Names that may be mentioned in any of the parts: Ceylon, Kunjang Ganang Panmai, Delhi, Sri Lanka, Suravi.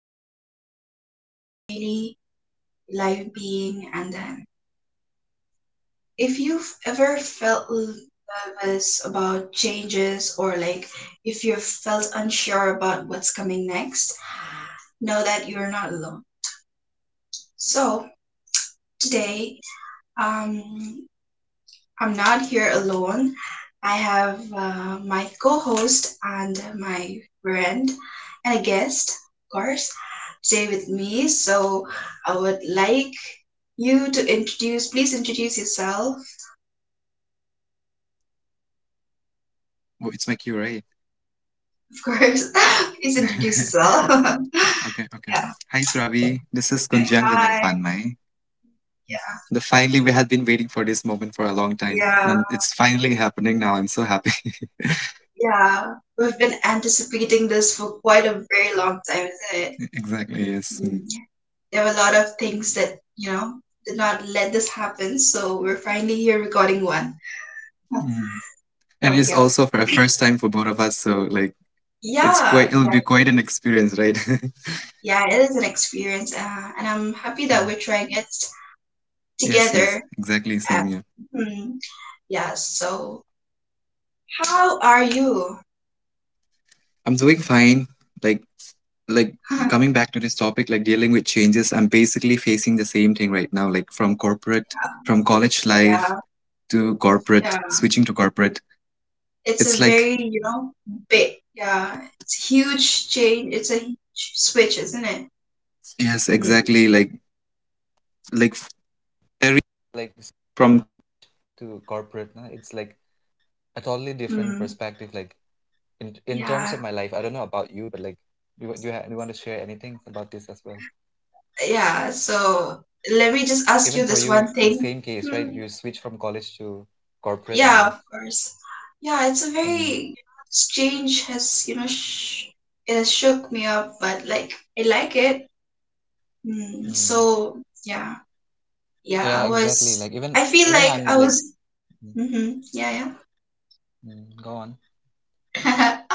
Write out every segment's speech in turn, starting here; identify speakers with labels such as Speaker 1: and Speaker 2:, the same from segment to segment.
Speaker 1: how it affected your daily life being, and then if you've ever felt nervous about changes or like if you've felt unsure about what's coming next, know that you're not alone. So today, um, I'm not here alone. I have my co-host and my friend and a guest, of course, today with me. So I would like you to please introduce yourself.
Speaker 2: Oh, it's my cue, right?
Speaker 1: Of course. Please introduce yourself.
Speaker 2: okay, okay.
Speaker 1: Yeah.
Speaker 2: Hi, Suravi. This is Kunjang Ganang
Speaker 1: Hi.
Speaker 2: Panmai. The Finally we had been waiting for this moment for a long time,
Speaker 1: Yeah.
Speaker 2: and it's finally happening now. I'm so happy.
Speaker 1: Yeah, we've been anticipating this for quite a very long time, isn't it?
Speaker 2: Exactly. Yes.
Speaker 1: Mm,
Speaker 2: Mm.
Speaker 1: There were a lot of things that did not let this happen, so we're finally here recording one.
Speaker 2: Mm. And
Speaker 1: So,
Speaker 2: it's
Speaker 1: yeah.
Speaker 2: also for a first time for both of us, so like
Speaker 1: Yeah,
Speaker 2: it'll be
Speaker 1: exactly.
Speaker 2: quite an experience, right?
Speaker 1: Yeah, it is an experience, and I'm happy that
Speaker 2: Mm.
Speaker 1: we're trying it
Speaker 2: Yes. Yes.
Speaker 1: together.
Speaker 2: Exactly.
Speaker 1: Uh,
Speaker 2: Same. Yeah.
Speaker 1: hmm, yeah, so how are you?
Speaker 2: I'm doing fine. Like like coming back to this topic, like dealing with changes. I'm basically facing the same thing right now, from college life
Speaker 1: Yeah,
Speaker 2: to corporate,
Speaker 1: yeah.
Speaker 2: switching to corporate.
Speaker 1: It's a
Speaker 2: It's like
Speaker 1: very big, yeah, it's a huge change. It's a huge switch, isn't it?
Speaker 2: yes,
Speaker 1: Mhm.
Speaker 2: exactly, like very, like from to corporate. Na, it's like a totally different
Speaker 1: Mm,
Speaker 2: perspective. Like in terms of my
Speaker 1: yeah,
Speaker 2: life, I don't know about you, but like do you want to share anything about this as well?
Speaker 1: yeah. So let me just
Speaker 2: Even for
Speaker 1: ask you
Speaker 2: you,
Speaker 1: this
Speaker 2: the
Speaker 1: one
Speaker 2: same
Speaker 1: thing.
Speaker 2: case, right? You
Speaker 1: Mm,
Speaker 2: switch from college to corporate only.
Speaker 1: yeah, of course. Yeah, it's a
Speaker 2: Mm,
Speaker 1: very this change has you know sh it has shook me up, but like I like it. Mm,
Speaker 2: mm.
Speaker 1: so yeah, yeah.
Speaker 2: Yeah,
Speaker 1: I
Speaker 2: exactly. Like
Speaker 1: was.
Speaker 2: even
Speaker 1: I
Speaker 2: even
Speaker 1: feel
Speaker 2: I'm
Speaker 1: like I
Speaker 2: like,
Speaker 1: was.
Speaker 2: mm,
Speaker 1: Mm-hmm, yeah,
Speaker 2: go on.
Speaker 1: yeah.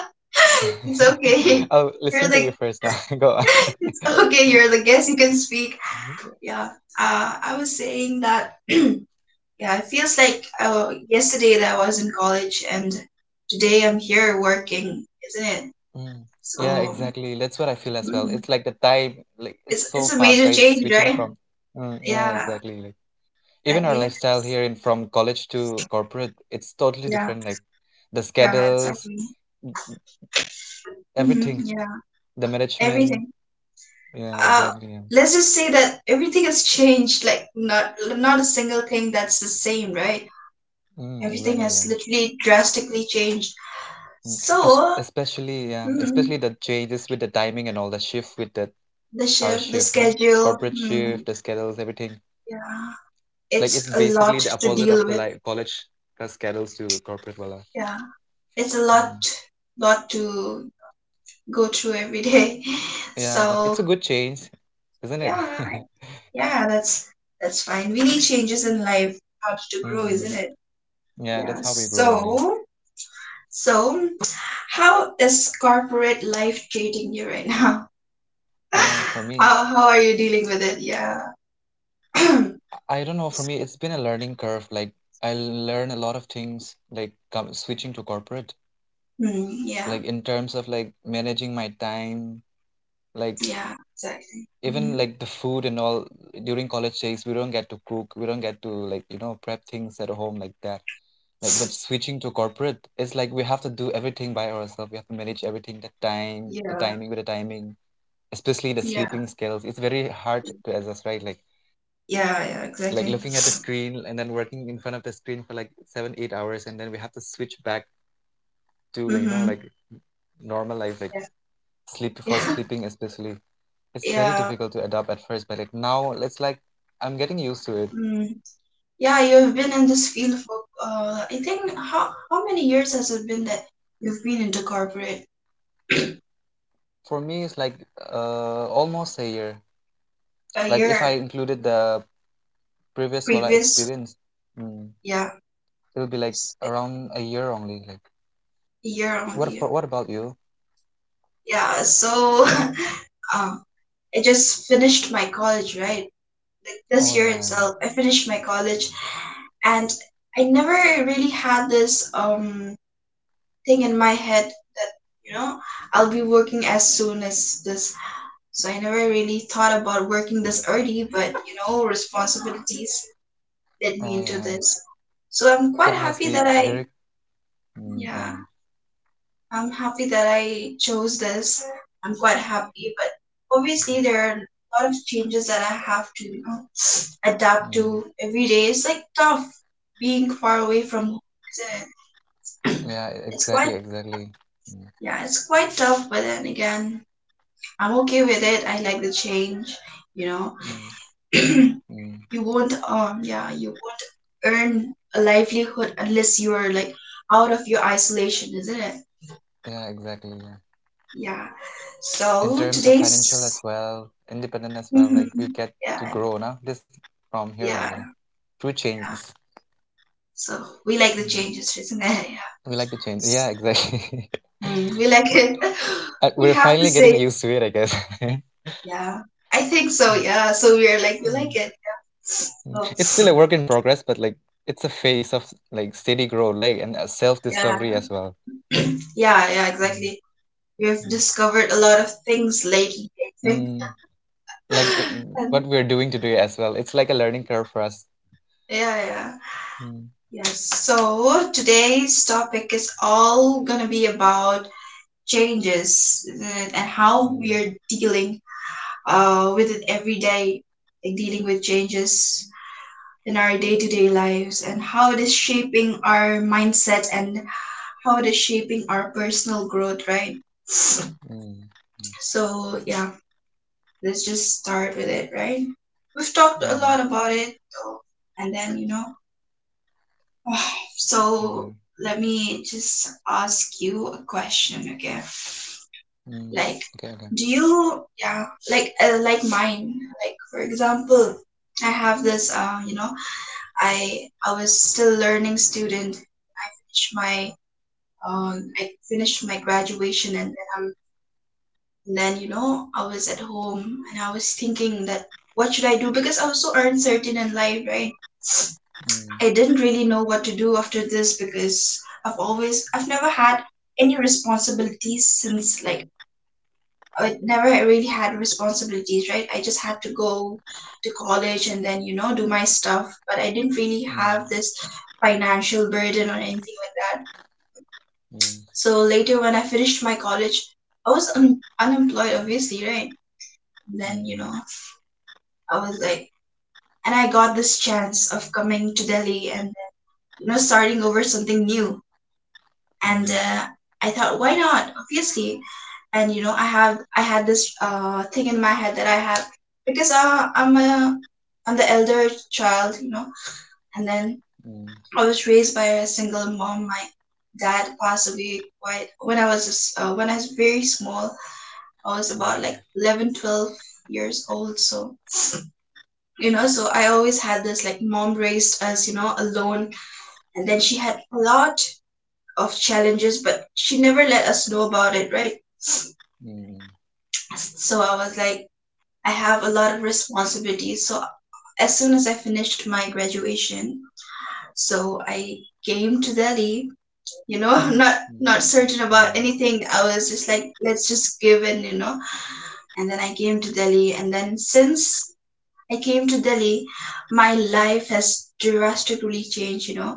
Speaker 1: It's okay.
Speaker 2: I'll listen
Speaker 1: You're
Speaker 2: to you
Speaker 1: the
Speaker 2: first now. Go on.
Speaker 1: it's okay. You're the guest. You can speak. Yeah. I was saying that. Yeah, it feels like yesterday that I was in college, and today I'm here working, isn't it?
Speaker 2: Mm. Yeah,
Speaker 1: So
Speaker 2: exactly. That's what I feel as well.
Speaker 1: mhm.
Speaker 2: It's like the time, like it's
Speaker 1: it's
Speaker 2: so
Speaker 1: it's a
Speaker 2: fast,
Speaker 1: major
Speaker 2: right?
Speaker 1: change,
Speaker 2: Switching
Speaker 1: right?
Speaker 2: from, mm, yeah,
Speaker 1: Yeah.
Speaker 2: exactly. Like even our
Speaker 1: Exactly.
Speaker 2: lifestyle here in from college to corporate, it's totally
Speaker 1: Yeah.
Speaker 2: different. Like the
Speaker 1: Yeah.
Speaker 2: schedules,
Speaker 1: Exactly.
Speaker 2: mm,
Speaker 1: Hmm,
Speaker 2: everything,
Speaker 1: yeah.
Speaker 2: the management.
Speaker 1: Everything.
Speaker 2: Yeah,
Speaker 1: Uh,
Speaker 2: exactly. Yeah.
Speaker 1: let's just say that everything has changed. Like not a single thing that's the same, right?
Speaker 2: Mm,
Speaker 1: Everything
Speaker 2: exactly. Yeah.
Speaker 1: has literally drastically changed.
Speaker 2: Mm. Es
Speaker 1: So.
Speaker 2: especially, yeah,
Speaker 1: Mhm.
Speaker 2: especially the changes with the timing and all the shift with the
Speaker 1: The
Speaker 2: our
Speaker 1: shift, the
Speaker 2: shift, nah?
Speaker 1: schedule.
Speaker 2: Corporate shift,
Speaker 1: Mm,
Speaker 2: the schedules, everything.
Speaker 1: yeah,
Speaker 2: Like it's
Speaker 1: it's a lot
Speaker 2: basically the
Speaker 1: to
Speaker 2: opposite of
Speaker 1: deal
Speaker 2: the
Speaker 1: with.
Speaker 2: like college schedules to corporate, voila.
Speaker 1: Yeah, it's a lot,
Speaker 2: Mm.
Speaker 1: lot to go through every day.
Speaker 2: Yeah, but
Speaker 1: So
Speaker 2: it's a good change, isn't it?
Speaker 1: yeah, I- yeah, that's fine. We need changes in life, how to grow,
Speaker 2: Mm.
Speaker 1: isn't it?
Speaker 2: Yeah,
Speaker 1: Yeah.
Speaker 2: that's how we grow only.
Speaker 1: So, how is corporate life treating you right now?
Speaker 2: Oh, for me,
Speaker 1: How are you dealing with it? Yeah.
Speaker 2: I don't know. For me, it's been a learning curve. Like I learn a lot of things, like com switching to corporate,
Speaker 1: Mm, yeah.
Speaker 2: like in terms of like managing my time, like
Speaker 1: Yeah. Exactly.
Speaker 2: even
Speaker 1: Hmm,
Speaker 2: like the food and all. During college days, we don't get to cook, we don't get to like prep things at home like that. Like, but switching to corporate, it's like we have to do everything by ourselves. We have to manage everything, the time, the
Speaker 1: yeah.
Speaker 2: timing with the timing, especially the
Speaker 1: Yeah,
Speaker 2: sleeping skills. It's very hard to assess, right? Like
Speaker 1: yeah, yeah, exactly.
Speaker 2: looking at the screen and then working in front of the screen for like 7-8 hours, and then we have to switch back to like like
Speaker 1: Mm-hmm.
Speaker 2: normal life, like
Speaker 1: Yeah, yeah,
Speaker 2: sleeping especially. It's very
Speaker 1: yeah.
Speaker 2: difficult to adapt at first, but like now it's like I'm getting used to it.
Speaker 1: Mm. Yeah, you've been in this field for I think how many years has it been that you've been into corporate?
Speaker 2: For me it's like almost a year.
Speaker 1: A
Speaker 2: Like if I
Speaker 1: year
Speaker 2: included the previous wala
Speaker 1: previous,
Speaker 2: experience, mm,
Speaker 1: yeah,
Speaker 2: it'll be like
Speaker 1: s-
Speaker 2: around a year only, like
Speaker 1: a year on the
Speaker 2: what about you?
Speaker 1: yeah. So, um, I just finished my college, right? Like, this
Speaker 2: Oh
Speaker 1: year
Speaker 2: yeah.
Speaker 1: itself, I finished my college, and I never really had this thing in my head that you know I'll be working as soon as this. So I never really thought about working this early, but responsibilities led me
Speaker 2: Oh
Speaker 1: into
Speaker 2: yeah.
Speaker 1: this. So I'm quite
Speaker 2: It must
Speaker 1: happy
Speaker 2: be
Speaker 1: that I
Speaker 2: very, mm,
Speaker 1: yeah,
Speaker 2: yeah,
Speaker 1: I'm happy that I chose this. I'm quite happy, but obviously there are a lot of changes that I have to adapt
Speaker 2: mm,
Speaker 1: to every day. It's like tough being far away from home. Isn't it?
Speaker 2: yeah,
Speaker 1: It's
Speaker 2: exactly,
Speaker 1: quite
Speaker 2: exactly. Mm,
Speaker 1: yeah, it's quite tough, but then again I'm okay with it. I like the change, you know.
Speaker 2: mm, mm,
Speaker 1: You won't yeah, you won't earn a livelihood unless you're like out of your isolation, isn't it?
Speaker 2: yeah, exactly. Yeah.
Speaker 1: Yeah.
Speaker 2: In
Speaker 1: So
Speaker 2: terms of financial
Speaker 1: today's.
Speaker 2: as well, independent as well, like we
Speaker 1: Mhm.
Speaker 2: get to
Speaker 1: Yeah,
Speaker 2: grow now, this from here
Speaker 1: yeah,
Speaker 2: only, through
Speaker 1: yeah.
Speaker 2: changes.
Speaker 1: So we like the
Speaker 2: Mm.
Speaker 1: changes, isn't it? Yeah.
Speaker 2: We like to change. Yeah,
Speaker 1: S-
Speaker 2: exactly.
Speaker 1: we like it.
Speaker 2: We're
Speaker 1: We have
Speaker 2: finally
Speaker 1: to
Speaker 2: getting
Speaker 1: say,
Speaker 2: used to it, I guess.
Speaker 1: yeah. I think so,
Speaker 2: Mm,
Speaker 1: yeah. So we
Speaker 2: mm,
Speaker 1: like it.
Speaker 2: mm. It's still a
Speaker 1: So
Speaker 2: work in progress, but like it's a phase of like steady growth, like and
Speaker 1: yeah.
Speaker 2: self-discovery as well.
Speaker 1: Yeah, yeah,
Speaker 2: Mm,
Speaker 1: exactly. We have
Speaker 2: mm.
Speaker 1: discovered a lot of things lately, I think.
Speaker 2: Mm. like it- what
Speaker 1: And
Speaker 2: we're doing today as well. It's like a learning curve for us.
Speaker 1: yeah, yeah.
Speaker 2: Mm,
Speaker 1: Yes. So today's topic is all gonna be about changes and how we
Speaker 2: mm,
Speaker 1: are dealing with it every day, like dealing with changes in our day-to-day lives and how it is shaping our mindset and how it is shaping our personal growth, right?
Speaker 2: mm,
Speaker 1: So yeah. Let's just start with it, right? We've talked
Speaker 2: mm,
Speaker 1: a
Speaker 2: mm,
Speaker 1: lot about it, though, and then, you know.
Speaker 2: yeah,
Speaker 1: So let me just ask you a question, okay?
Speaker 2: mm.
Speaker 1: Like,
Speaker 2: Okay, okay.
Speaker 1: do you, yeah, like mine, like, for example, I have this, I was still learning student. I finished my graduation, and then I'm and then I was at home and I was thinking that what should I do? Because I was so uncertain in life, right?
Speaker 2: Mm,
Speaker 1: I didn't really know what to do after this because I've never had any responsibilities since like, I never really had responsibilities, right? I just had to go to college and then do my stuff, but I didn't really
Speaker 2: mm,
Speaker 1: have this financial burden or anything like that.
Speaker 2: mm,
Speaker 1: So later when I finished my college, I was unemployed, obviously, right? then
Speaker 2: mm,
Speaker 1: I was like, and I got this chance of coming to Delhi and starting over something new. And
Speaker 2: mm,
Speaker 1: I thought, why not? Obviously, and I had this thing in my head that I have because I'm a I'm the elder child. And then
Speaker 2: mm,
Speaker 1: I was raised by a single mom. My dad passed away quite when I was just, when I was very small. I was about
Speaker 2: oh,
Speaker 1: like 11, 12 years old. So so I always had this, like, mom raised us alone, and then she had a lot of challenges, but she never let us know about it, right?
Speaker 2: mm,
Speaker 1: So I was like, I have a lot of responsibilities. So as soon as I finished my graduation, so I came to Delhi, you know, not
Speaker 2: mm,
Speaker 1: not certain about
Speaker 2: wow,
Speaker 1: anything. I was just like, let's just give in. And then I came to Delhi, and then since I came to Delhi, my life has drastically changed.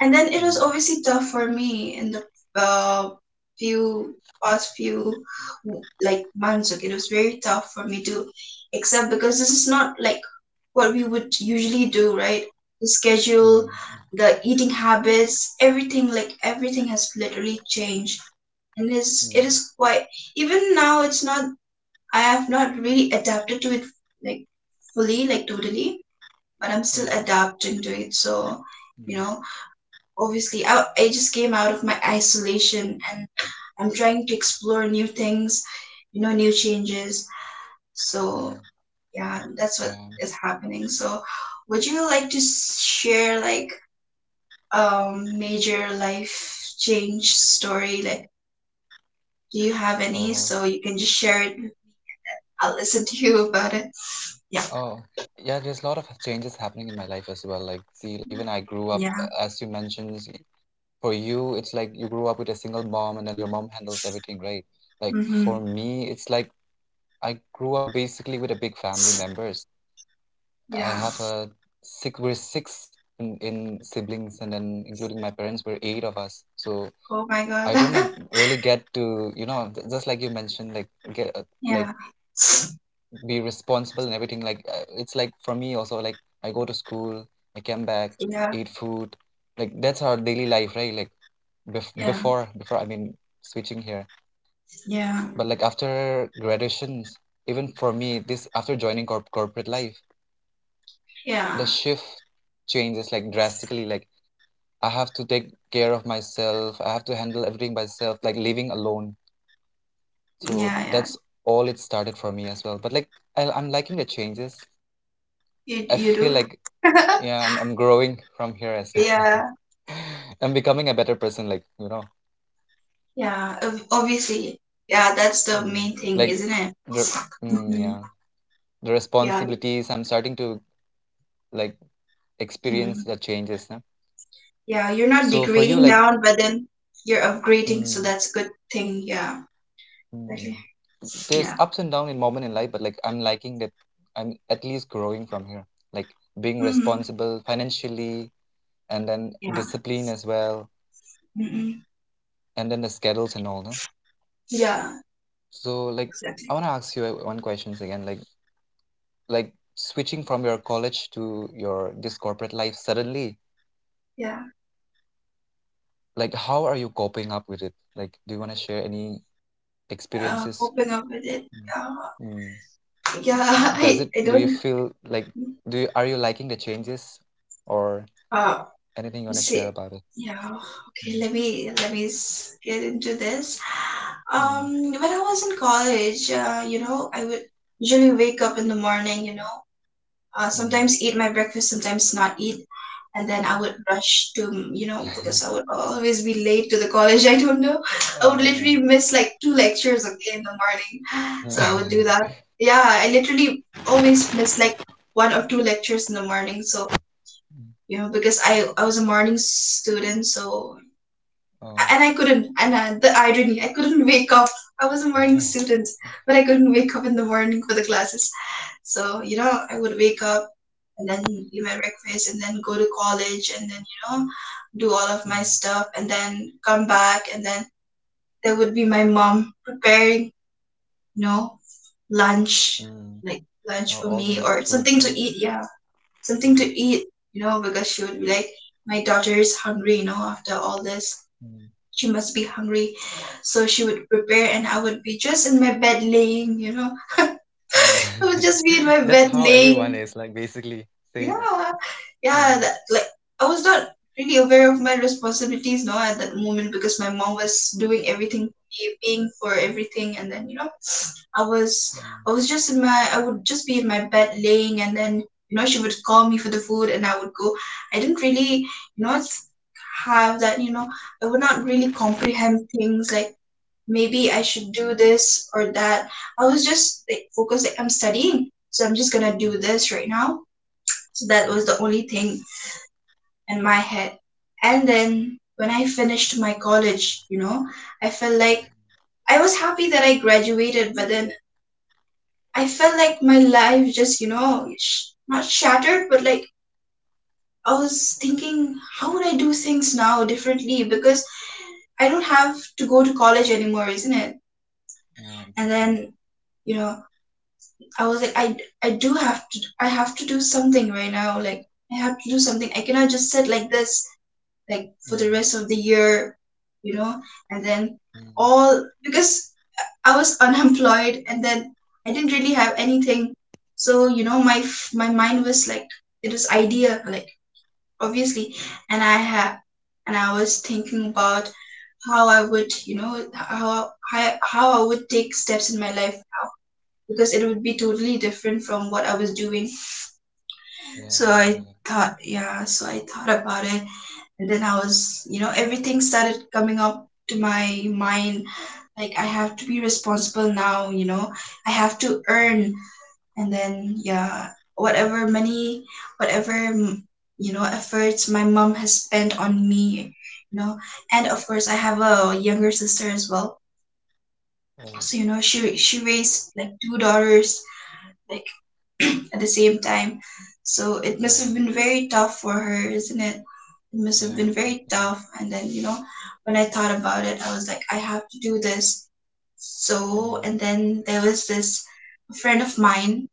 Speaker 1: And then it was
Speaker 2: mm,
Speaker 1: obviously tough for me in the uh, few past few, like, months. Okay, it was very tough for me to accept because this is not like what we would usually do, right? The schedule,
Speaker 2: mm,
Speaker 1: the eating habits, everything has literally changed, and
Speaker 2: mm,
Speaker 1: it
Speaker 2: mm,
Speaker 1: is quite even now. It's not, I have not really adapted to it, like fully, like totally, but I'm still
Speaker 2: mm,
Speaker 1: adapting to it. So, you know, obviously, I just came out of my isolation, and I'm trying to explore new things new changes.
Speaker 2: mm,
Speaker 1: So, yeah, that's what
Speaker 2: yeah,
Speaker 1: is happening. So, would you like to share, like, a major life change story? Like, do you have any?
Speaker 2: oh,
Speaker 1: So you can just share it. I'll listen to you about it. Yeah.
Speaker 2: oh. Yeah, there's a lot of changes happening in my life as well. Like, see, like, even I grew up,
Speaker 1: Yeah.
Speaker 2: as you mentioned, for you it's like you grew up with a single mom and then your mom handles everything, right? Like for
Speaker 1: Mm-hmm.
Speaker 2: me it's like I grew up basically with a big family members. I
Speaker 1: Yeah.
Speaker 2: have a six we're six in siblings, and then including my parents we're eight of us, so
Speaker 1: Oh my God.
Speaker 2: I don't really get to you know just like you mentioned, like get like
Speaker 1: Yeah.
Speaker 2: be responsible and everything, like it's like for me also, like I go to school, I come back,
Speaker 1: Yeah.
Speaker 2: eat food, like that's our daily life, right? Like bef-
Speaker 1: Yeah.
Speaker 2: before before I mean switching here,
Speaker 1: Yeah.
Speaker 2: but like after graduations, even for me this after joining corporate life,
Speaker 1: Yeah.
Speaker 2: the shift changes like drastically, like I have to take care of myself, I have to handle everything myself, like living alone. So
Speaker 1: Yeah. Yeah.
Speaker 2: that's all it started for me as well, but like I'm liking the changes,
Speaker 1: You
Speaker 2: I
Speaker 1: you
Speaker 2: feel like
Speaker 1: do.
Speaker 2: yeah I'm growing from here as well.
Speaker 1: Yeah.
Speaker 2: I'm becoming a better person, like
Speaker 1: Yeah. Obviously. Yeah. That's the
Speaker 2: mm,
Speaker 1: main thing,
Speaker 2: like
Speaker 1: isn't it?
Speaker 2: the mm,
Speaker 1: Hmm,
Speaker 2: yeah, the
Speaker 1: yeah.
Speaker 2: responsibilities I'm starting to like experience,
Speaker 1: Mm.
Speaker 2: the changes, huh?
Speaker 1: Yeah. You're not
Speaker 2: So for you,
Speaker 1: degrading
Speaker 2: like,
Speaker 1: down, but then you're upgrading, so
Speaker 2: mm,
Speaker 1: that's a good thing. Yeah.
Speaker 2: mm,
Speaker 1: Exactly.
Speaker 2: there's
Speaker 1: Yeah.
Speaker 2: ups and down in moment in life, but like I'm liking that I'm at least growing from here, like being
Speaker 1: Mm-hmm.
Speaker 2: responsible financially, and then
Speaker 1: Yeah.
Speaker 2: discipline as well,
Speaker 1: Mm-mm.
Speaker 2: and then the schedules and all, no?
Speaker 1: Yeah.
Speaker 2: So like I
Speaker 1: Exactly.
Speaker 2: want to ask you one questions again, like like switching from your college to your this corporate life suddenly?
Speaker 1: Yeah.
Speaker 2: Like, how are you coping up with it? Like, do you want to share any experiences?
Speaker 1: Coping up with it. Uh,
Speaker 2: Mm.
Speaker 1: yeah.
Speaker 2: Does it,
Speaker 1: I
Speaker 2: do you
Speaker 1: don't.
Speaker 2: feel like, are you liking the changes or
Speaker 1: Uh,
Speaker 2: anything you want to share
Speaker 1: See,
Speaker 2: about it?
Speaker 1: yeah, okay, get into this.
Speaker 2: Mm.
Speaker 1: When I was in college, I would usually wake up in the morning, sometimes eat my breakfast, sometimes not eat, and then I would rush to,
Speaker 2: Mm.
Speaker 1: because I would always be late to the college. I don't know. I would
Speaker 2: Oh.
Speaker 1: literally miss like two lectures, okay, in the morning. So I would do that. Yeah, I literally always miss like one or two lectures in the morning. So because I was a morning student. So,
Speaker 2: Oh.
Speaker 1: and I couldn't and the irony, I couldn't wake up. I was a morning student, but I couldn't wake up in the morning for the classes. So I would wake up and then eat my breakfast and then go to college and then do all of my
Speaker 2: Mm.
Speaker 1: stuff and then come back, and then there would be my mom preparing, you know lunch
Speaker 2: Mm.
Speaker 1: like
Speaker 2: Oh,
Speaker 1: lunch for
Speaker 2: all the
Speaker 1: me
Speaker 2: meat
Speaker 1: or
Speaker 2: foods
Speaker 1: something
Speaker 2: now.
Speaker 1: to eat, yeah, something to eat, because she would be like, my daughter is hungry, after all this.
Speaker 2: Mm.
Speaker 1: She must be hungry. So she would prepare, and I would be just in my bed laying.
Speaker 2: Mm.
Speaker 1: I would just be in my
Speaker 2: That's
Speaker 1: bed
Speaker 2: how everyone
Speaker 1: laying,
Speaker 2: is like basically same.
Speaker 1: yeah,
Speaker 2: Mm,
Speaker 1: yeah, that like I was not really aware of my responsibilities now at that moment because my mom was doing everything for me, paying for everything, and then you know, I was
Speaker 2: mm,
Speaker 1: I was just in my I would just be in my bed laying, and then, she would call me for the food, and I would go. I didn't really you know th- have that I would not really comprehend things like maybe I should do this or that. I was just like focused like I'm studying, so I'm just gonna do
Speaker 2: mm,
Speaker 1: this right now so that
Speaker 2: mm.
Speaker 1: was the only thing in my head. And then when I finished my college, I felt like I was happy that I graduated, but then I felt like my life just, not shattered, but like I was thinking, how would I do things now differently? Because I don't have to go to college anymore, isn't it?
Speaker 2: Yeah,
Speaker 1: And
Speaker 2: exactly.
Speaker 1: then, you know, I was like, I do have to, I have to do something right now. Like, I have to do something. I cannot just sit like this like for the
Speaker 2: Mm,
Speaker 1: rest of the year, you know, and then
Speaker 2: mm.
Speaker 1: all because I was unemployed and then I didn't really have anything. So, my mind was like it was idea like obviously and I had and I was thinking about how I would, how I would take steps in my life because it would be totally different from what I was doing
Speaker 2: Yeah,
Speaker 1: so
Speaker 2: exactly.
Speaker 1: I
Speaker 2: Yeah.
Speaker 1: thought, yeah, so I thought about it. And then I was, everything started coming up to my mind. Like, I have to be responsible now, I have to
Speaker 2: Mm.
Speaker 1: earn. And then, yeah, whatever money, whatever, mm, efforts my mom has spent on me, you know. And of course, I have a younger sister as well.
Speaker 2: Oh,
Speaker 1: So, she raised like two daughters like. at the same time. So it must
Speaker 2: oh,
Speaker 1: have been very tough for her, isn't it? It must have
Speaker 2: yeah,
Speaker 1: been very
Speaker 2: exactly.
Speaker 1: tough. And then, when I thought about it, I was like, I have to do this. So,
Speaker 2: Mm,
Speaker 1: and then there was this friend of mine.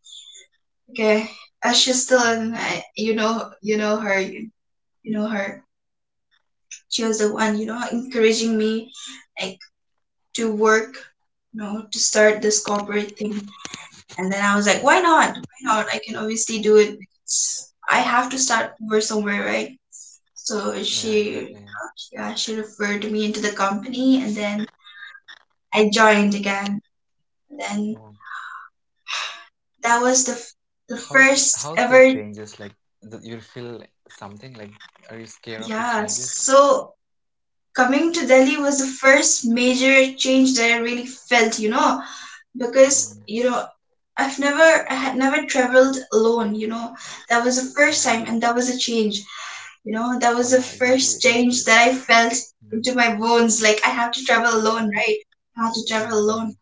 Speaker 1: Okay. She's still
Speaker 2: mm.
Speaker 1: in, you know her. She was the one, encouraging me like to work, to start this corporate thing. And then I
Speaker 2: Oh,
Speaker 1: was like, why not? Why not? I can obviously do it because I have to start over somewhere, right? So
Speaker 2: yeah, exactly.
Speaker 1: she, yeah, she referred me into the company, and then I joined again. And then
Speaker 2: Oh,
Speaker 1: that was the
Speaker 2: how's
Speaker 1: first
Speaker 2: how's your
Speaker 1: ever,
Speaker 2: changes? Like, do you feel something? Like, are you scared of the
Speaker 1: yeah.
Speaker 2: changes?
Speaker 1: So coming to Delhi was the first major change that I really felt,
Speaker 2: Mm,
Speaker 1: Because I had never traveled alone. That was the first time,
Speaker 2: oh,
Speaker 1: and that was a change. You know that
Speaker 2: oh,
Speaker 1: was
Speaker 2: yeah,
Speaker 1: the
Speaker 2: exactly. It
Speaker 1: first
Speaker 2: must be.
Speaker 1: change that I felt
Speaker 2: Mm,
Speaker 1: into my bones. Like I have to travel alone, right? I had to
Speaker 2: mm,
Speaker 1: travel alone.
Speaker 2: mm.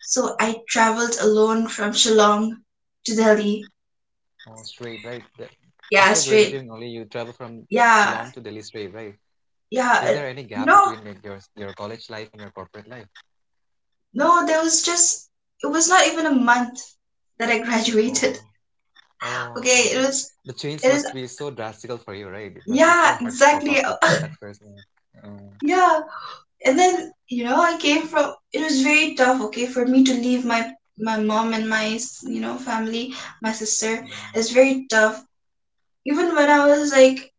Speaker 1: So I traveled alone from Shillong to Delhi.
Speaker 2: Oh, straight, right? The,
Speaker 1: Yeah,
Speaker 2: after
Speaker 1: straight.
Speaker 2: graduating, only you travel from Ceylon
Speaker 1: Yeah,
Speaker 2: to Delhi straight, right?
Speaker 1: yeah.
Speaker 2: Is there any gap
Speaker 1: You know,
Speaker 2: between like your college life and your corporate life?
Speaker 1: no, there was just it was not even a month that I
Speaker 2: Oh,
Speaker 1: graduated.
Speaker 2: oh, oh.
Speaker 1: Okay, it was
Speaker 2: The change
Speaker 1: it
Speaker 2: must
Speaker 1: is
Speaker 2: be so drastical for you, right? It must be so
Speaker 1: yeah,
Speaker 2: hard to cope up
Speaker 1: exactly.
Speaker 2: with at first. Mm, mm,
Speaker 1: Yeah. And then I came from it was very tough okay for me to leave my my mom and my family my sister.
Speaker 2: mm,
Speaker 1: It's very tough even when I was like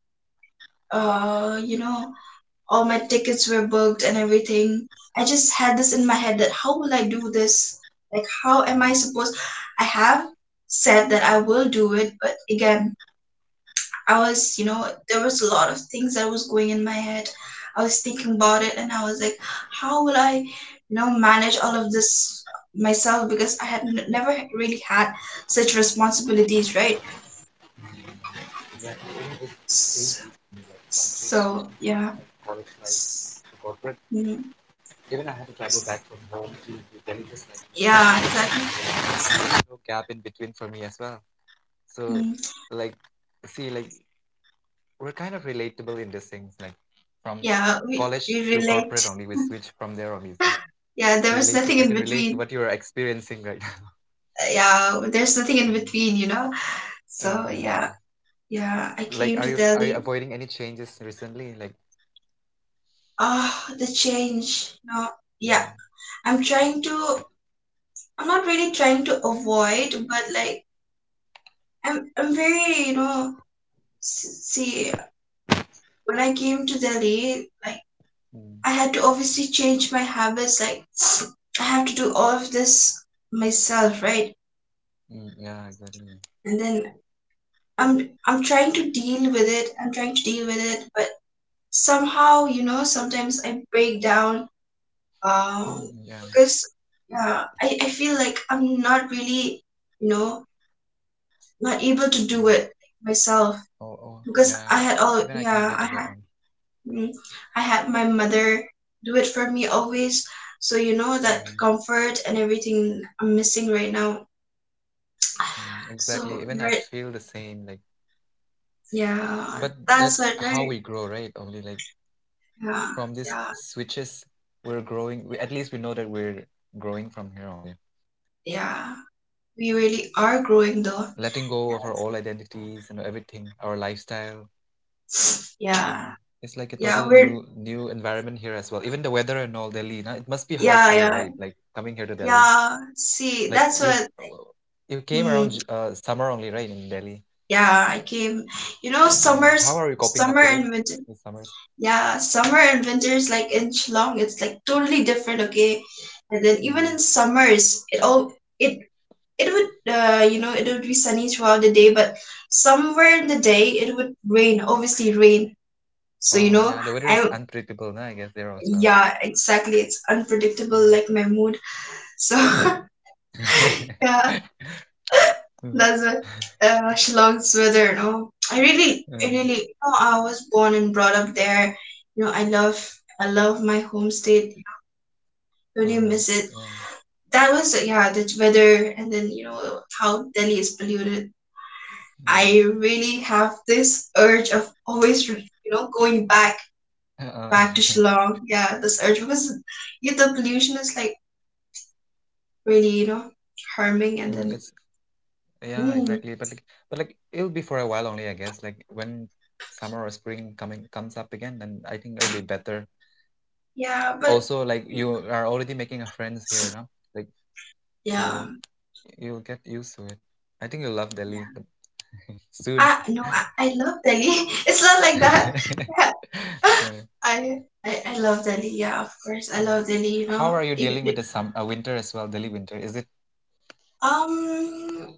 Speaker 1: uh you know all my tickets were booked and everything. I just had this in my head that how will I do this, like how am I
Speaker 2: mm.
Speaker 1: supposed. I have said that I will do it but again I was, there was a lot of things that was going in my head. I was thinking about it and I was like, how will I, manage all of this myself because I had never really had such responsibilities, right?
Speaker 2: Yeah, even with the same
Speaker 1: S-
Speaker 2: case, for me, like from switching
Speaker 1: So,
Speaker 2: from my
Speaker 1: yeah.
Speaker 2: college life
Speaker 1: S-
Speaker 2: to corporate,
Speaker 1: mm,
Speaker 2: even I had to travel back from home to the Delhi, just like
Speaker 1: yeah, exactly.
Speaker 2: there's no gap in between for me as well. So,
Speaker 1: Mm,
Speaker 2: like, see, like we're kind of relatable in these things, like from
Speaker 1: yeah,
Speaker 2: college to
Speaker 1: we
Speaker 2: corporate
Speaker 1: relate.
Speaker 2: only. We switch from there only. So
Speaker 1: Yeah, there
Speaker 2: relate
Speaker 1: was
Speaker 2: to I
Speaker 1: nothing
Speaker 2: can
Speaker 1: in
Speaker 2: relate to what
Speaker 1: between.
Speaker 2: you are experiencing right now.
Speaker 1: Yeah, there's nothing in between, you know? So,
Speaker 2: Yeah.
Speaker 1: yeah, yeah, I
Speaker 2: Like,
Speaker 1: came to
Speaker 2: are you
Speaker 1: Delhi.
Speaker 2: avoiding any changes recently? Like,
Speaker 1: Ah, the change. No,
Speaker 2: mm,
Speaker 1: yeah. I'm trying to. I'm not really trying to avoid, but like I'm. I'm very. You know. See, when I came to Delhi, like
Speaker 2: mm,
Speaker 1: I had to obviously change my habits. Like I have to do all of this myself, right?
Speaker 2: mm, yeah, exactly.
Speaker 1: And then I'm. I'm trying to deal with it. I'm trying to deal with it, but somehow, sometimes I break down
Speaker 2: Mm,
Speaker 1: um
Speaker 2: yeah.
Speaker 1: because yeah I feel like I'm not really you know not able to
Speaker 2: Mm.
Speaker 1: do it myself
Speaker 2: Oh, oh,
Speaker 1: because
Speaker 2: yeah.
Speaker 1: I had
Speaker 2: Even
Speaker 1: all
Speaker 2: I can relate
Speaker 1: yeah
Speaker 2: to
Speaker 1: I
Speaker 2: that one.
Speaker 1: had mm, I had my mother do it for me always. So you know that
Speaker 2: Mm,
Speaker 1: comfort and everything I'm missing right now.
Speaker 2: mm, exactly.
Speaker 1: So
Speaker 2: Even I
Speaker 1: right,
Speaker 2: feel the same. Like, but
Speaker 1: yeah, that's
Speaker 2: that's
Speaker 1: it
Speaker 2: how we
Speaker 1: right,
Speaker 2: grow, right? Only like
Speaker 1: yeah,
Speaker 2: from these
Speaker 1: yeah,
Speaker 2: switches we're growing, we, at
Speaker 1: yeah,
Speaker 2: least we know that we're growing from here only,
Speaker 1: yeah. We really are growing though,
Speaker 2: letting go
Speaker 1: yeah,
Speaker 2: of our old identities and everything, our lifestyle. Mm.
Speaker 1: yeah,
Speaker 2: It's like a total
Speaker 1: yeah, we're,
Speaker 2: new environment here as well, even the weather and all Delhi now. It must be hard for
Speaker 1: yeah,
Speaker 2: you, right,
Speaker 1: yeah.
Speaker 2: like coming here to Delhi?
Speaker 1: Yeah, see,
Speaker 2: Like
Speaker 1: that's
Speaker 2: you
Speaker 1: what.
Speaker 2: came around
Speaker 1: Hmm,
Speaker 2: summer only, right, in Delhi?
Speaker 1: yeah, I came. You know,
Speaker 2: Mm. How are you coping up with
Speaker 1: summer
Speaker 2: it,
Speaker 1: and winter.
Speaker 2: with summers?
Speaker 1: Yeah, summer and winter is like inch long. It's like totally different. Okay, and then
Speaker 2: Mm.
Speaker 1: even in summers, it all it it would it would be sunny throughout the day, but somewhere in the day it would rain. Obviously, rain. So you
Speaker 2: Oh yeah,
Speaker 1: know,
Speaker 2: the weather is
Speaker 1: I'm
Speaker 2: unpredictable now, I guess, there as well.
Speaker 1: yeah exactly. It's unpredictable, like my mood. So
Speaker 2: Mm.
Speaker 1: yeah, that's a Shillong's weather, sweater. No, I really,
Speaker 2: Mm.
Speaker 1: I really, I was born and brought up there. You know, I love my home state. I really
Speaker 2: Mm,
Speaker 1: miss it.
Speaker 2: yeah.
Speaker 1: That was, yeah, the weather, and then you know how Delhi is polluted.
Speaker 2: Mm.
Speaker 1: I really have this urge of always, going back,
Speaker 2: Uh,
Speaker 1: back to Shillong. Yeah, this urge because yeah, the pollution is like really, harming, and
Speaker 2: mm,
Speaker 1: then,
Speaker 2: it's yeah,
Speaker 1: mm,
Speaker 2: exactly. But like, it'll be for a while only, I guess. Like when summer or spring coming comes up again, then I think it'll be better.
Speaker 1: yeah, but
Speaker 2: Also, like you are already making a friends here now, like
Speaker 1: yeah. Yeah.
Speaker 2: so you'll get used to it. I think you'll love soon.
Speaker 1: Ah, no, I love Delhi. It's not like that.
Speaker 2: Uh,
Speaker 1: I, I love Delhi. Yeah, of course, I
Speaker 2: mm.
Speaker 1: love Delhi. You
Speaker 2: How
Speaker 1: know,
Speaker 2: are you dealing with the summer, winter as well? Delhi winter, is it?
Speaker 1: Um,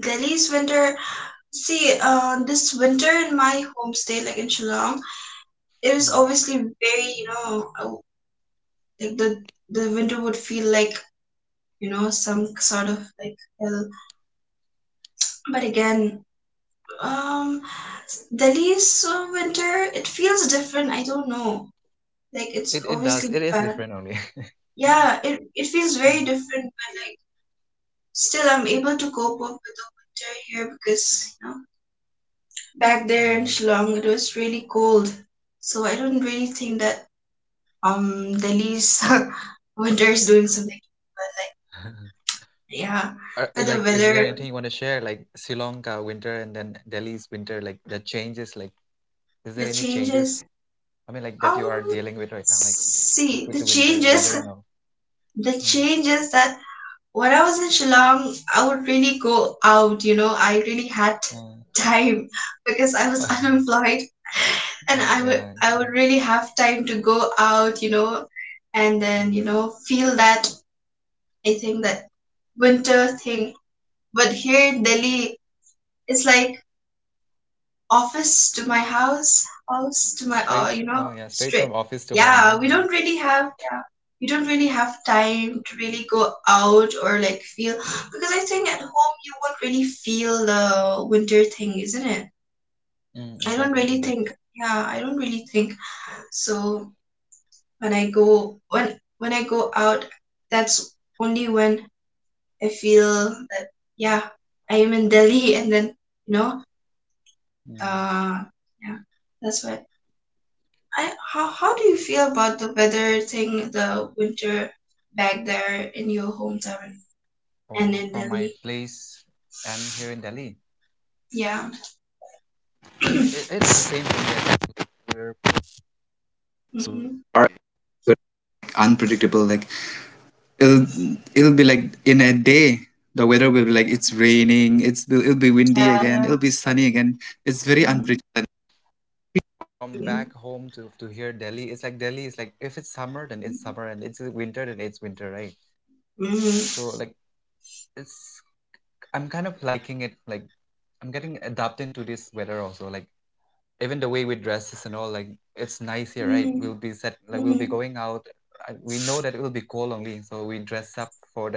Speaker 1: Delhi's winter. See, this winter in my homestay, like in Shillong, it was
Speaker 2: Mm.
Speaker 1: obviously very, like the winter would feel like you know some sort of like hell. But again, um, Delhi's winter, it feels different. I don't know. Like it's
Speaker 2: It does.
Speaker 1: obviously
Speaker 2: It is
Speaker 1: bad.
Speaker 2: different only.
Speaker 1: Yeah, it feels very
Speaker 2: Mm,
Speaker 1: different, but like still I'm able to cope up with the winter here because you know back there in
Speaker 2: mm.
Speaker 1: Shillong it was really cold. So I don't really think that Delhi's winter is doing something. Yeah,
Speaker 2: Are,
Speaker 1: but the
Speaker 2: like, is there
Speaker 1: weather,
Speaker 2: anything you want to share? Like Sri Lanka winter and then Delhi's winter, like the changes. Like,
Speaker 1: the
Speaker 2: is there any
Speaker 1: changes.
Speaker 2: changes? I mean, like that you
Speaker 1: Um,
Speaker 2: are dealing with right now, like
Speaker 1: see the
Speaker 2: with the winter
Speaker 1: changes,
Speaker 2: weather and all.
Speaker 1: the
Speaker 2: Mm.
Speaker 1: changes that when I was in Shillong, I would really go out, I really had time because I was
Speaker 2: Uh,
Speaker 1: unemployed and
Speaker 2: oh yeah,
Speaker 1: I would
Speaker 2: mhm.
Speaker 1: really have time to go out, and then,
Speaker 2: Mm.
Speaker 1: feel that I think that winter thing. But here in Delhi, it's like office to my house, house to my, you
Speaker 2: Straight.
Speaker 1: know,
Speaker 2: Oh yeah, straight
Speaker 1: straight.
Speaker 2: from office to
Speaker 1: Yeah,
Speaker 2: home.
Speaker 1: we
Speaker 2: Nah?
Speaker 1: don't
Speaker 2: Mm.
Speaker 1: really have, yeah, we don't really have time to really go out or like feel, because I think at home you won't really feel the winter thing, isn't it? I
Speaker 2: Mm,
Speaker 1: don't
Speaker 2: exactly,
Speaker 1: really think,
Speaker 2: exactly.
Speaker 1: yeah, I don't really think. So when I go, when, when I go out, that's only when I feel that, yeah, I am in Delhi and then, you know,
Speaker 2: Mm.
Speaker 1: uh, yeah, that's what. I how do you feel about the weather thing, the winter back there in your hometown and in
Speaker 2: Oh, from
Speaker 1: Delhi?
Speaker 2: my place and here in Delhi,
Speaker 1: Yeah. hmm.
Speaker 2: it, it's the same thing. Like, we're Are- but unpredictable, like it'll it'll be like in a day the weather will be like it's raining, it's, it'll be windy again,
Speaker 1: Yeah,
Speaker 2: it'll be
Speaker 1: yeah.
Speaker 2: sunny again. It's very
Speaker 1: Mm-hmm.
Speaker 2: unpredictable. From back home to, here Delhi, it's like Delhi is like if it's summer then it's summer, and it's winter then it's winter, right? So like
Speaker 1: Mm-hmm.
Speaker 2: it's I'm kind of liking it, like I'm getting adapted to this weather also, like even the way we dresses and all, like it's nice here, right? We'll be
Speaker 1: Mm-hmm.
Speaker 2: set, like we'll be going out. We know that it will be cold only, so we dress up for that,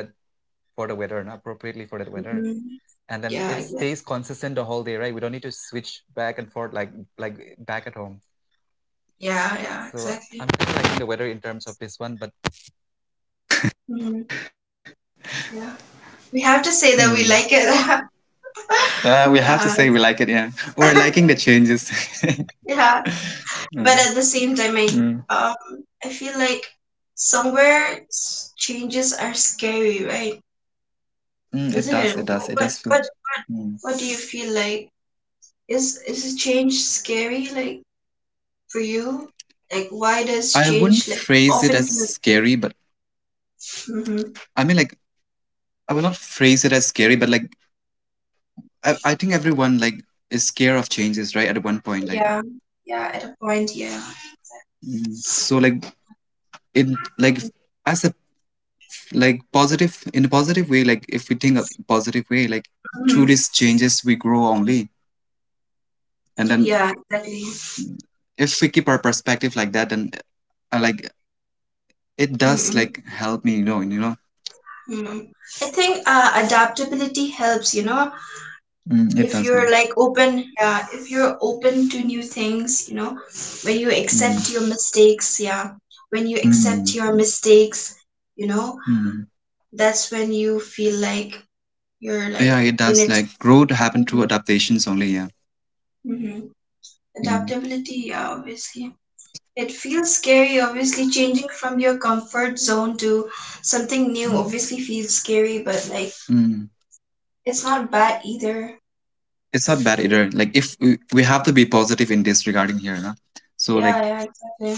Speaker 2: for the weather and appropriately for that weather.
Speaker 1: Mm-hmm.
Speaker 2: And then it
Speaker 1: Yeah, exactly.
Speaker 2: stays consistent the whole day, right? We don't need to switch back and forth like back at home.
Speaker 1: Yeah, yeah,
Speaker 2: So I'm
Speaker 1: exactly.
Speaker 2: kind of liking the weather in terms of this one, but
Speaker 1: Mm-hmm. Yeah. We have to say that we
Speaker 2: Hmm.
Speaker 1: like it.
Speaker 2: We have to
Speaker 1: Yeah.
Speaker 2: say we like it. Yeah, we're liking the changes.
Speaker 1: Yeah.
Speaker 2: Mm,
Speaker 1: But at the same time,
Speaker 2: mm,
Speaker 1: I feel like somewhere changes are scary, right?
Speaker 2: mm, it
Speaker 1: Was
Speaker 2: does.
Speaker 1: it?
Speaker 2: It does. It does
Speaker 1: What
Speaker 2: feel.
Speaker 1: what what
Speaker 2: Mm.
Speaker 1: what do you feel like? Is change scary like for you? Like why does
Speaker 2: I wouldn't
Speaker 1: change like
Speaker 2: phrase it
Speaker 1: often
Speaker 2: as
Speaker 1: feels?
Speaker 2: scary, but
Speaker 1: Hmm.
Speaker 2: I mean, like, I will not phrase it as scary, but like, I think everyone like is scared of changes, right? At one point, like,
Speaker 1: Yeah, yeah. At a point, yeah.
Speaker 2: mm. So like it like as a like positive, in a positive way, like if we think a positive way, like through
Speaker 1: Hmm.
Speaker 2: these changes we grow only. And then
Speaker 1: Yeah, exactly.
Speaker 2: if we keep our perspective like that, then like it does
Speaker 1: Mm-mm.
Speaker 2: like help me.
Speaker 1: mm. I think adaptability helps,
Speaker 2: It
Speaker 1: if
Speaker 2: does, yeah.
Speaker 1: you're like open, yeah, if you're open to new things, when you
Speaker 2: Mm,
Speaker 1: accept your mistakes, yeah, when you accept
Speaker 2: mm,
Speaker 1: your mistakes, you know,
Speaker 2: mm.
Speaker 1: that's when you feel like you're
Speaker 2: Yeah,
Speaker 1: like
Speaker 2: it
Speaker 1: in
Speaker 2: does,
Speaker 1: it.
Speaker 2: like growth happen through adaptations only, yeah.
Speaker 1: Mm-hmm.
Speaker 2: Mm,
Speaker 1: Adaptability, yeah, obviously. It feels scary, obviously, changing from your comfort zone to something new obviously feels scary, but like
Speaker 2: mm.
Speaker 1: it's not bad either.
Speaker 2: It's not bad either, like if we have to be positive in this regarding here, no? So
Speaker 1: Yeah,
Speaker 2: like
Speaker 1: yeah, exactly.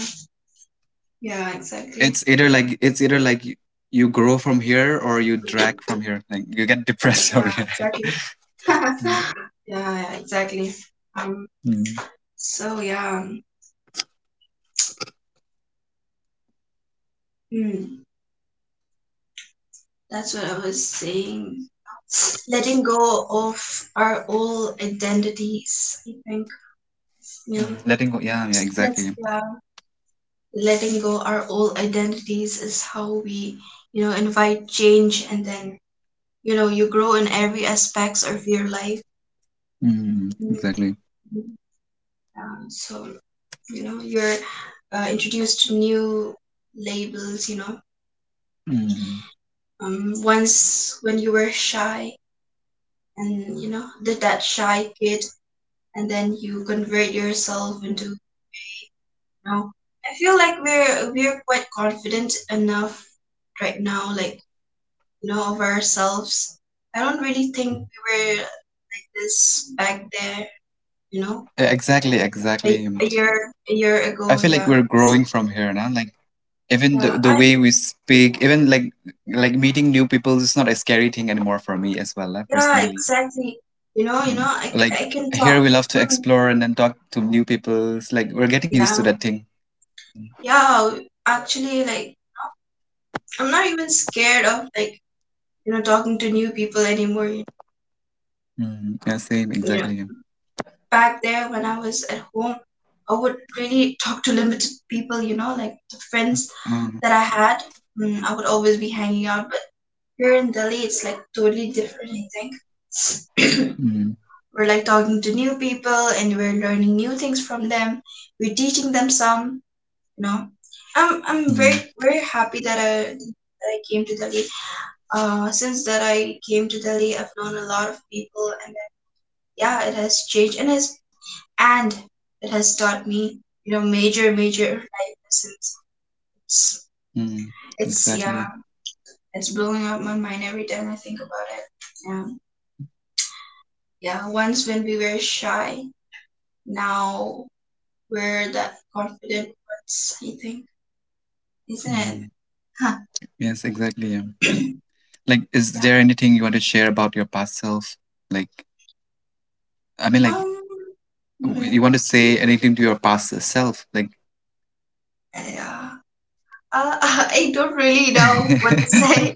Speaker 1: Yeah, exactly.
Speaker 2: it's either like you, you grow from here or you drag from here. Like you get depressed over
Speaker 1: Yeah,
Speaker 2: here.
Speaker 1: exactly.
Speaker 2: Mm,
Speaker 1: yeah, yeah, exactly. Um,
Speaker 2: mm,
Speaker 1: so yeah. um, Hmm. That's what I was saying. Letting go of our old identities, I think. Yeah,
Speaker 2: mm. Letting go. Yeah, yeah,
Speaker 1: that's
Speaker 2: exactly.
Speaker 1: yeah. Letting go our old identities is how we, invite change, and then you know you grow in every aspects of your life.
Speaker 2: Mm,
Speaker 1: Mhm.
Speaker 2: exactly.
Speaker 1: Yeah, so you know you're introduced to new labels.
Speaker 2: Mm.
Speaker 1: Once when you were shy, and you know did that shy kid and then you convert yourself into know I feel like we're quite confident enough right now, like you know of ourselves. I don't really think we were like this back there, you know
Speaker 2: Exactly, exactly.
Speaker 1: a year, a year
Speaker 2: I
Speaker 1: ago.
Speaker 2: feel like
Speaker 1: yeah
Speaker 2: we're growing from here now. Like even the
Speaker 1: yeah
Speaker 2: the
Speaker 1: i
Speaker 2: way we speak, even like meeting new people is not a scary thing anymore for me as well,
Speaker 1: yeah
Speaker 2: personally.
Speaker 1: Exactly. You know,
Speaker 2: Mm.
Speaker 1: i,
Speaker 2: Like
Speaker 1: I can
Speaker 2: here
Speaker 1: talk.
Speaker 2: we love to
Speaker 1: Hmm,
Speaker 2: explore and then talk to new people. It's like we're getting used
Speaker 1: yeah,
Speaker 2: to that thing. Mm.
Speaker 1: yeah, actually, like I'm not even scared of like, you know, talking to new people anymore.
Speaker 2: Mm. Yeah, same,
Speaker 1: Know
Speaker 2: exactly.
Speaker 1: Back there when I was at home, I would really talk to limited people, you know, like the friends
Speaker 2: Um,
Speaker 1: that I had. Mm, I would always be hanging out, but here in Delhi, it's like totally different, I think.
Speaker 2: mm,
Speaker 1: We're like talking to new people and we're learning new things from them. We're teaching them some, you know. I'm very,
Speaker 2: mm,
Speaker 1: very happy that I came to Delhi. Since that I came to Delhi, I've known a lot of people, and then, yeah, it has changed and has and it has taught me, you know, major, major life lessons. It's,
Speaker 2: mm.
Speaker 1: it's Yeah,
Speaker 2: Exactly.
Speaker 1: it's blowing up my mind every time I think about it. Yeah, yeah. Once when we were shy, now we're the confident ones, I think, isn't
Speaker 2: Mm.
Speaker 1: it? Huh.
Speaker 2: Yes, exactly. Yeah.
Speaker 1: Yeah.
Speaker 2: Like, is there anything you want to share about your past self? Like, I mean, like,
Speaker 1: Um.
Speaker 2: you
Speaker 1: mhm.
Speaker 2: want to say anything to your past self? Like,
Speaker 1: Yeah. I don't really know what to
Speaker 2: I
Speaker 1: say.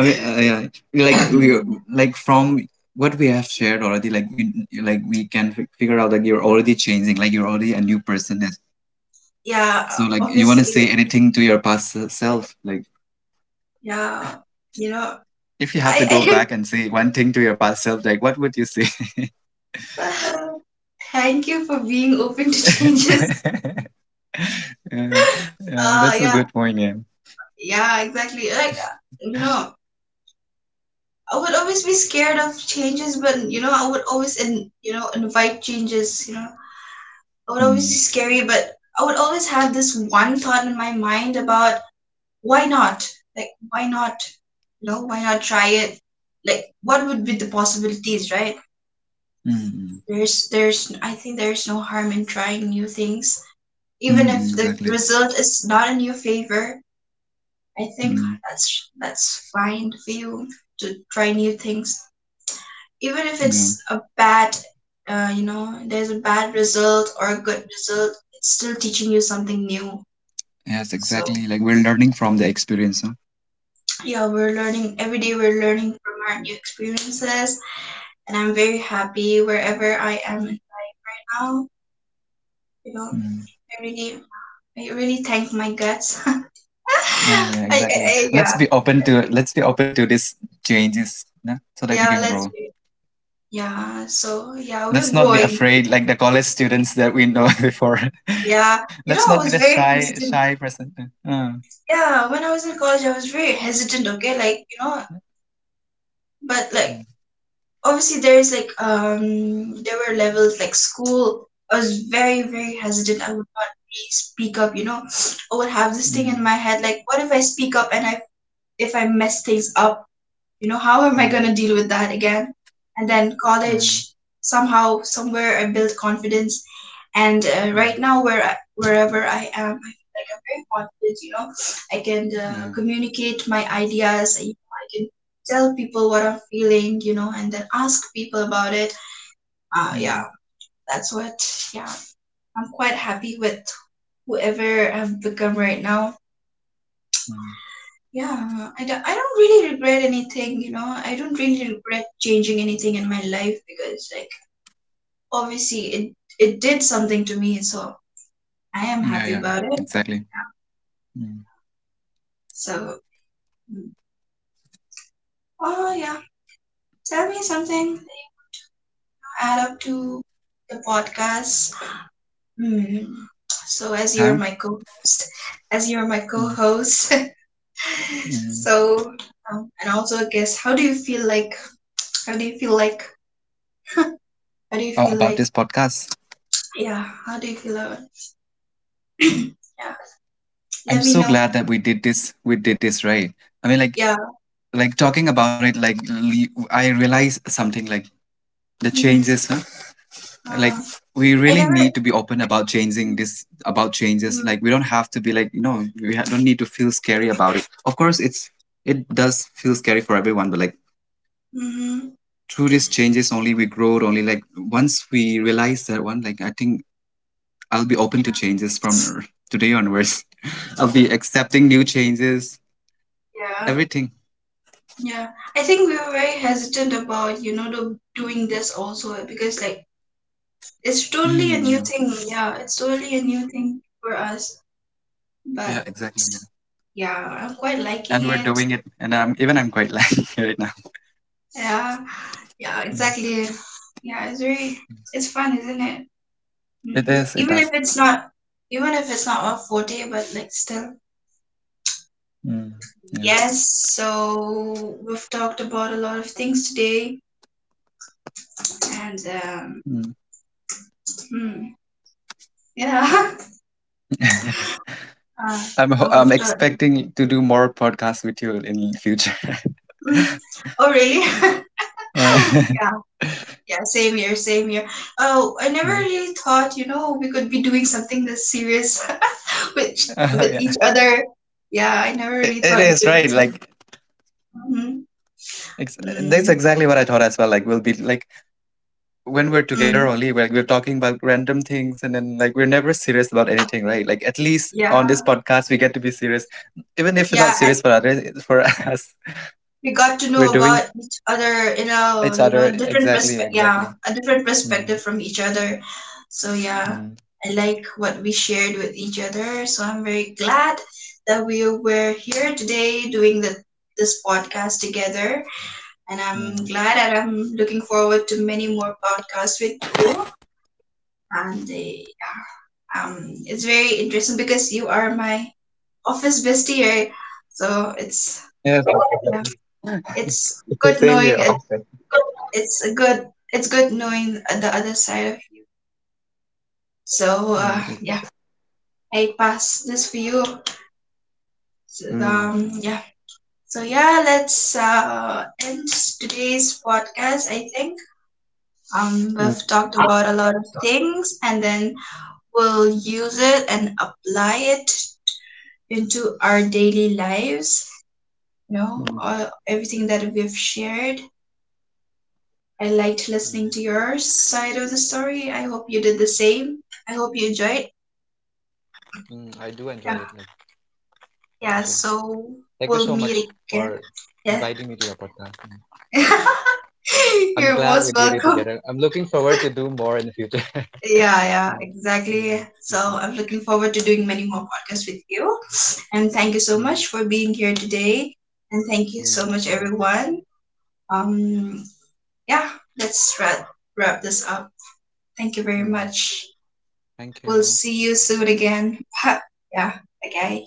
Speaker 2: yeah, like we, like from what we have shared already, like we can figure out like you're already changing, like you're already a new person.
Speaker 1: Yeah.
Speaker 2: So, like, you want to
Speaker 1: Obviously.
Speaker 2: say anything to your past self? Like,
Speaker 1: Yeah. You know,
Speaker 2: if you have to go
Speaker 1: I I
Speaker 2: back and say one thing to your past self, like, what would you say?
Speaker 1: thank you for being open to changes.
Speaker 2: Yeah, yeah, that's a
Speaker 1: Yeah,
Speaker 2: good point. Yeah.
Speaker 1: yeah, exactly. Like, you know, I would always be scared of changes, but you know, I would always, in, you know, invite changes. You know, I would always be
Speaker 2: Mm,
Speaker 1: scary, but I would always have this one thought in my mind about why not? Like, why not? You know, why not try it? Like, what would be the possibilities, right?
Speaker 2: mm, mm,
Speaker 1: I think there's no harm in trying new things, even
Speaker 2: mm,
Speaker 1: if the
Speaker 2: exactly.
Speaker 1: result is not in your favor. I think
Speaker 2: Mm,
Speaker 1: that's fine for you to try new things, even if
Speaker 2: yeah.
Speaker 1: it's a bad, you know, there's a bad result or a good result. It's still teaching you something new.
Speaker 2: Yes,
Speaker 1: So
Speaker 2: exactly. Like we're learning from the experience. Huh?
Speaker 1: yeah, we're learning every day. We're learning from our new experiences, and I'm very happy wherever I am now. You know,
Speaker 2: Mm.
Speaker 1: I really, I really thank my guts. I,
Speaker 2: Yeah, yeah,
Speaker 1: I,
Speaker 2: exactly.
Speaker 1: I, yeah,
Speaker 2: Let's be open to these changes, no? So that we
Speaker 1: yeah.
Speaker 2: can grow.
Speaker 1: Yeah. So yeah, we're
Speaker 2: Let's not be
Speaker 1: growing.
Speaker 2: afraid, like the college students that we know before.
Speaker 1: Yeah, you
Speaker 2: Let's
Speaker 1: know, I
Speaker 2: not be
Speaker 1: was
Speaker 2: the
Speaker 1: very
Speaker 2: shy
Speaker 1: hesitant.
Speaker 2: shy person. Uh, uh,
Speaker 1: Yeah, when I was in college, I was very hesitant, okay? Like, you know, but like,
Speaker 2: mm,
Speaker 1: obviously, there's like, there were levels like school. I was very, very hesitant. I would not really speak up, you know. I would have this thing in
Speaker 2: mm,
Speaker 1: my head, like, what if I speak up and I, if I mess things up, you know, how am I
Speaker 2: mm,
Speaker 1: gonna deal with that again? And then
Speaker 2: uh,
Speaker 1: college, somehow, somewhere, I built confidence and
Speaker 2: mm,
Speaker 1: right now where I, wherever I am, I feel like I'm very confident, you know. I can
Speaker 2: yeah,
Speaker 1: communicate my ideas, you know, I can tell people what I'm feeling, you know, and then ask people about it.
Speaker 2: mm,
Speaker 1: Yeah, that's what. Yeah, I'm quite happy with whoever I've become right now.
Speaker 2: mm.
Speaker 1: Yeah. I don't really regret anything, you know. I don't really regret changing anything in my life, because like obviously it, it did something to me, so I am
Speaker 2: Yeah,
Speaker 1: happy
Speaker 2: yeah,
Speaker 1: about it.
Speaker 2: exactly.
Speaker 1: Yeah,
Speaker 2: Mm.
Speaker 1: so mm. Oh, yeah. Tell me something, add up to the podcast. Hmm. So, as you're
Speaker 2: Huh?
Speaker 1: my co-host, as you're my
Speaker 2: Mm,
Speaker 1: co-host,
Speaker 2: mm.
Speaker 1: so and also I guess how do you feel like? How do you feel like? How do you
Speaker 2: Oh,
Speaker 1: feel
Speaker 2: about
Speaker 1: like?
Speaker 2: this podcast.
Speaker 1: Yeah. How do you feel about? Yeah. Let
Speaker 2: I'm
Speaker 1: me
Speaker 2: so
Speaker 1: know.
Speaker 2: glad that we did this. We did this, right? I mean, like,
Speaker 1: Yeah.
Speaker 2: like talking about it, like I realized something. Like the changes,
Speaker 1: hmm
Speaker 2: huh? Like
Speaker 1: Uh,
Speaker 2: we
Speaker 1: I
Speaker 2: really
Speaker 1: never.
Speaker 2: need to be open about changing this. About changes, like
Speaker 1: Mm-hmm.
Speaker 2: we don't have to be like we don't need to feel scary about it. Of course, it's it does feel scary for everyone, but like
Speaker 1: Mm-hmm.
Speaker 2: through these changes only we grow only, like once we realize that one, like I think I'll be
Speaker 1: Yeah.
Speaker 2: open to changes from today onwards. I'll be accepting new changes,
Speaker 1: Yeah.
Speaker 2: everything.
Speaker 1: Yeah. I think we were very hesitant about, you know, the, doing this also because like it's totally a
Speaker 2: Mm,
Speaker 1: new
Speaker 2: yeah,
Speaker 1: thing. Yeah, it's totally a new thing for us.
Speaker 2: yeah,
Speaker 1: But
Speaker 2: exactly. Yeah.
Speaker 1: yeah, I'm quite liking
Speaker 2: And we're
Speaker 1: it.
Speaker 2: doing it, and I'm quite liking it right now.
Speaker 1: Yeah, yeah, exactly. Yeah, it's very, it's fun, isn't it?
Speaker 2: It
Speaker 1: Mm.
Speaker 2: is, it does.
Speaker 1: Even if it's not our forte, but like still.
Speaker 2: Mm, yeah.
Speaker 1: Yes, so we've talked about a lot of things today, and
Speaker 2: Mm.
Speaker 1: hmm, yeah, uh,
Speaker 2: I'm
Speaker 1: we've talked.
Speaker 2: expecting to do more podcasts with you in future.
Speaker 1: Mm. Oh, really?
Speaker 2: uh,
Speaker 1: Yeah. Yeah, same here, same here. Oh, I never
Speaker 2: mm.
Speaker 1: really thought, you know, we could be doing something this serious with with
Speaker 2: Yeah,
Speaker 1: each other. Yeah, I never really
Speaker 2: it
Speaker 1: thought we
Speaker 2: is,
Speaker 1: could.
Speaker 2: right? Like
Speaker 1: Mm-hmm.
Speaker 2: that's
Speaker 1: Mm.
Speaker 2: exactly what I thought as well. Like we'll be like when we're together
Speaker 1: Mm.
Speaker 2: only, like we're talking about random things, and then like we're never serious about anything, right? Like at least
Speaker 1: Yeah,
Speaker 2: on this podcast we get to be serious, even if it's not
Speaker 1: yeah. I,
Speaker 2: serious for others, it's for us.
Speaker 1: we got to
Speaker 2: We're
Speaker 1: know
Speaker 2: doing
Speaker 1: about each other in a,
Speaker 2: each
Speaker 1: you
Speaker 2: other,
Speaker 1: know, different
Speaker 2: exactly,
Speaker 1: perspective. Yeah,
Speaker 2: exactly.
Speaker 1: a different
Speaker 2: Mm,
Speaker 1: perspective from each other. So yeah,
Speaker 2: mm,
Speaker 1: I like what we shared with each other. So I'm very glad that we were here today doing the, this podcast together. And I'm glad
Speaker 2: mm.
Speaker 1: and I'm looking forward to many more podcasts with you. And yeah, it's very interesting because you are my office bestie, right? So it's
Speaker 2: Yes.
Speaker 1: yeah, it's good
Speaker 2: Same
Speaker 1: knowing
Speaker 2: here
Speaker 1: it.
Speaker 2: often.
Speaker 1: It's a good, it's good knowing the other side of you. So
Speaker 2: Mm,
Speaker 1: yeah, I pass this for you. So,
Speaker 2: mm,
Speaker 1: yeah. So yeah, let's end today's podcast. I think
Speaker 2: mm,
Speaker 1: we've talked
Speaker 2: mm,
Speaker 1: about a lot of things, and then we'll use it and apply it into our daily lives. You know, all,
Speaker 2: mm,
Speaker 1: everything that we've shared. I liked listening to your side of the story. I hope you did the same. I hope you enjoyed.
Speaker 2: mm. I
Speaker 1: Yeah.
Speaker 2: do enjoy it, like,
Speaker 1: Yeah,
Speaker 2: okay,
Speaker 1: so we'll
Speaker 2: thank you
Speaker 1: meet
Speaker 2: so much
Speaker 1: again.
Speaker 2: for
Speaker 1: Yeah.
Speaker 2: inviting me to your podcast.
Speaker 1: You're
Speaker 2: I'm
Speaker 1: most
Speaker 2: glad we
Speaker 1: welcome.
Speaker 2: did it together. I'm looking forward to do more in the future.
Speaker 1: Yeah, yeah, exactly. So
Speaker 2: Mm,
Speaker 1: I'm looking forward to doing many more podcasts with you. And thank you so much
Speaker 2: mm, mm.
Speaker 1: for
Speaker 2: Okay. Mm,
Speaker 1: being here today. And thank you so much,
Speaker 2: mm, you're
Speaker 1: everyone.
Speaker 2: welcome.
Speaker 1: Um, yeah, let's wrap, wrap this up. Thank you very much.
Speaker 2: Mm,
Speaker 1: We'll
Speaker 2: thank
Speaker 1: see you
Speaker 2: you.
Speaker 1: soon again. Yeah, okay.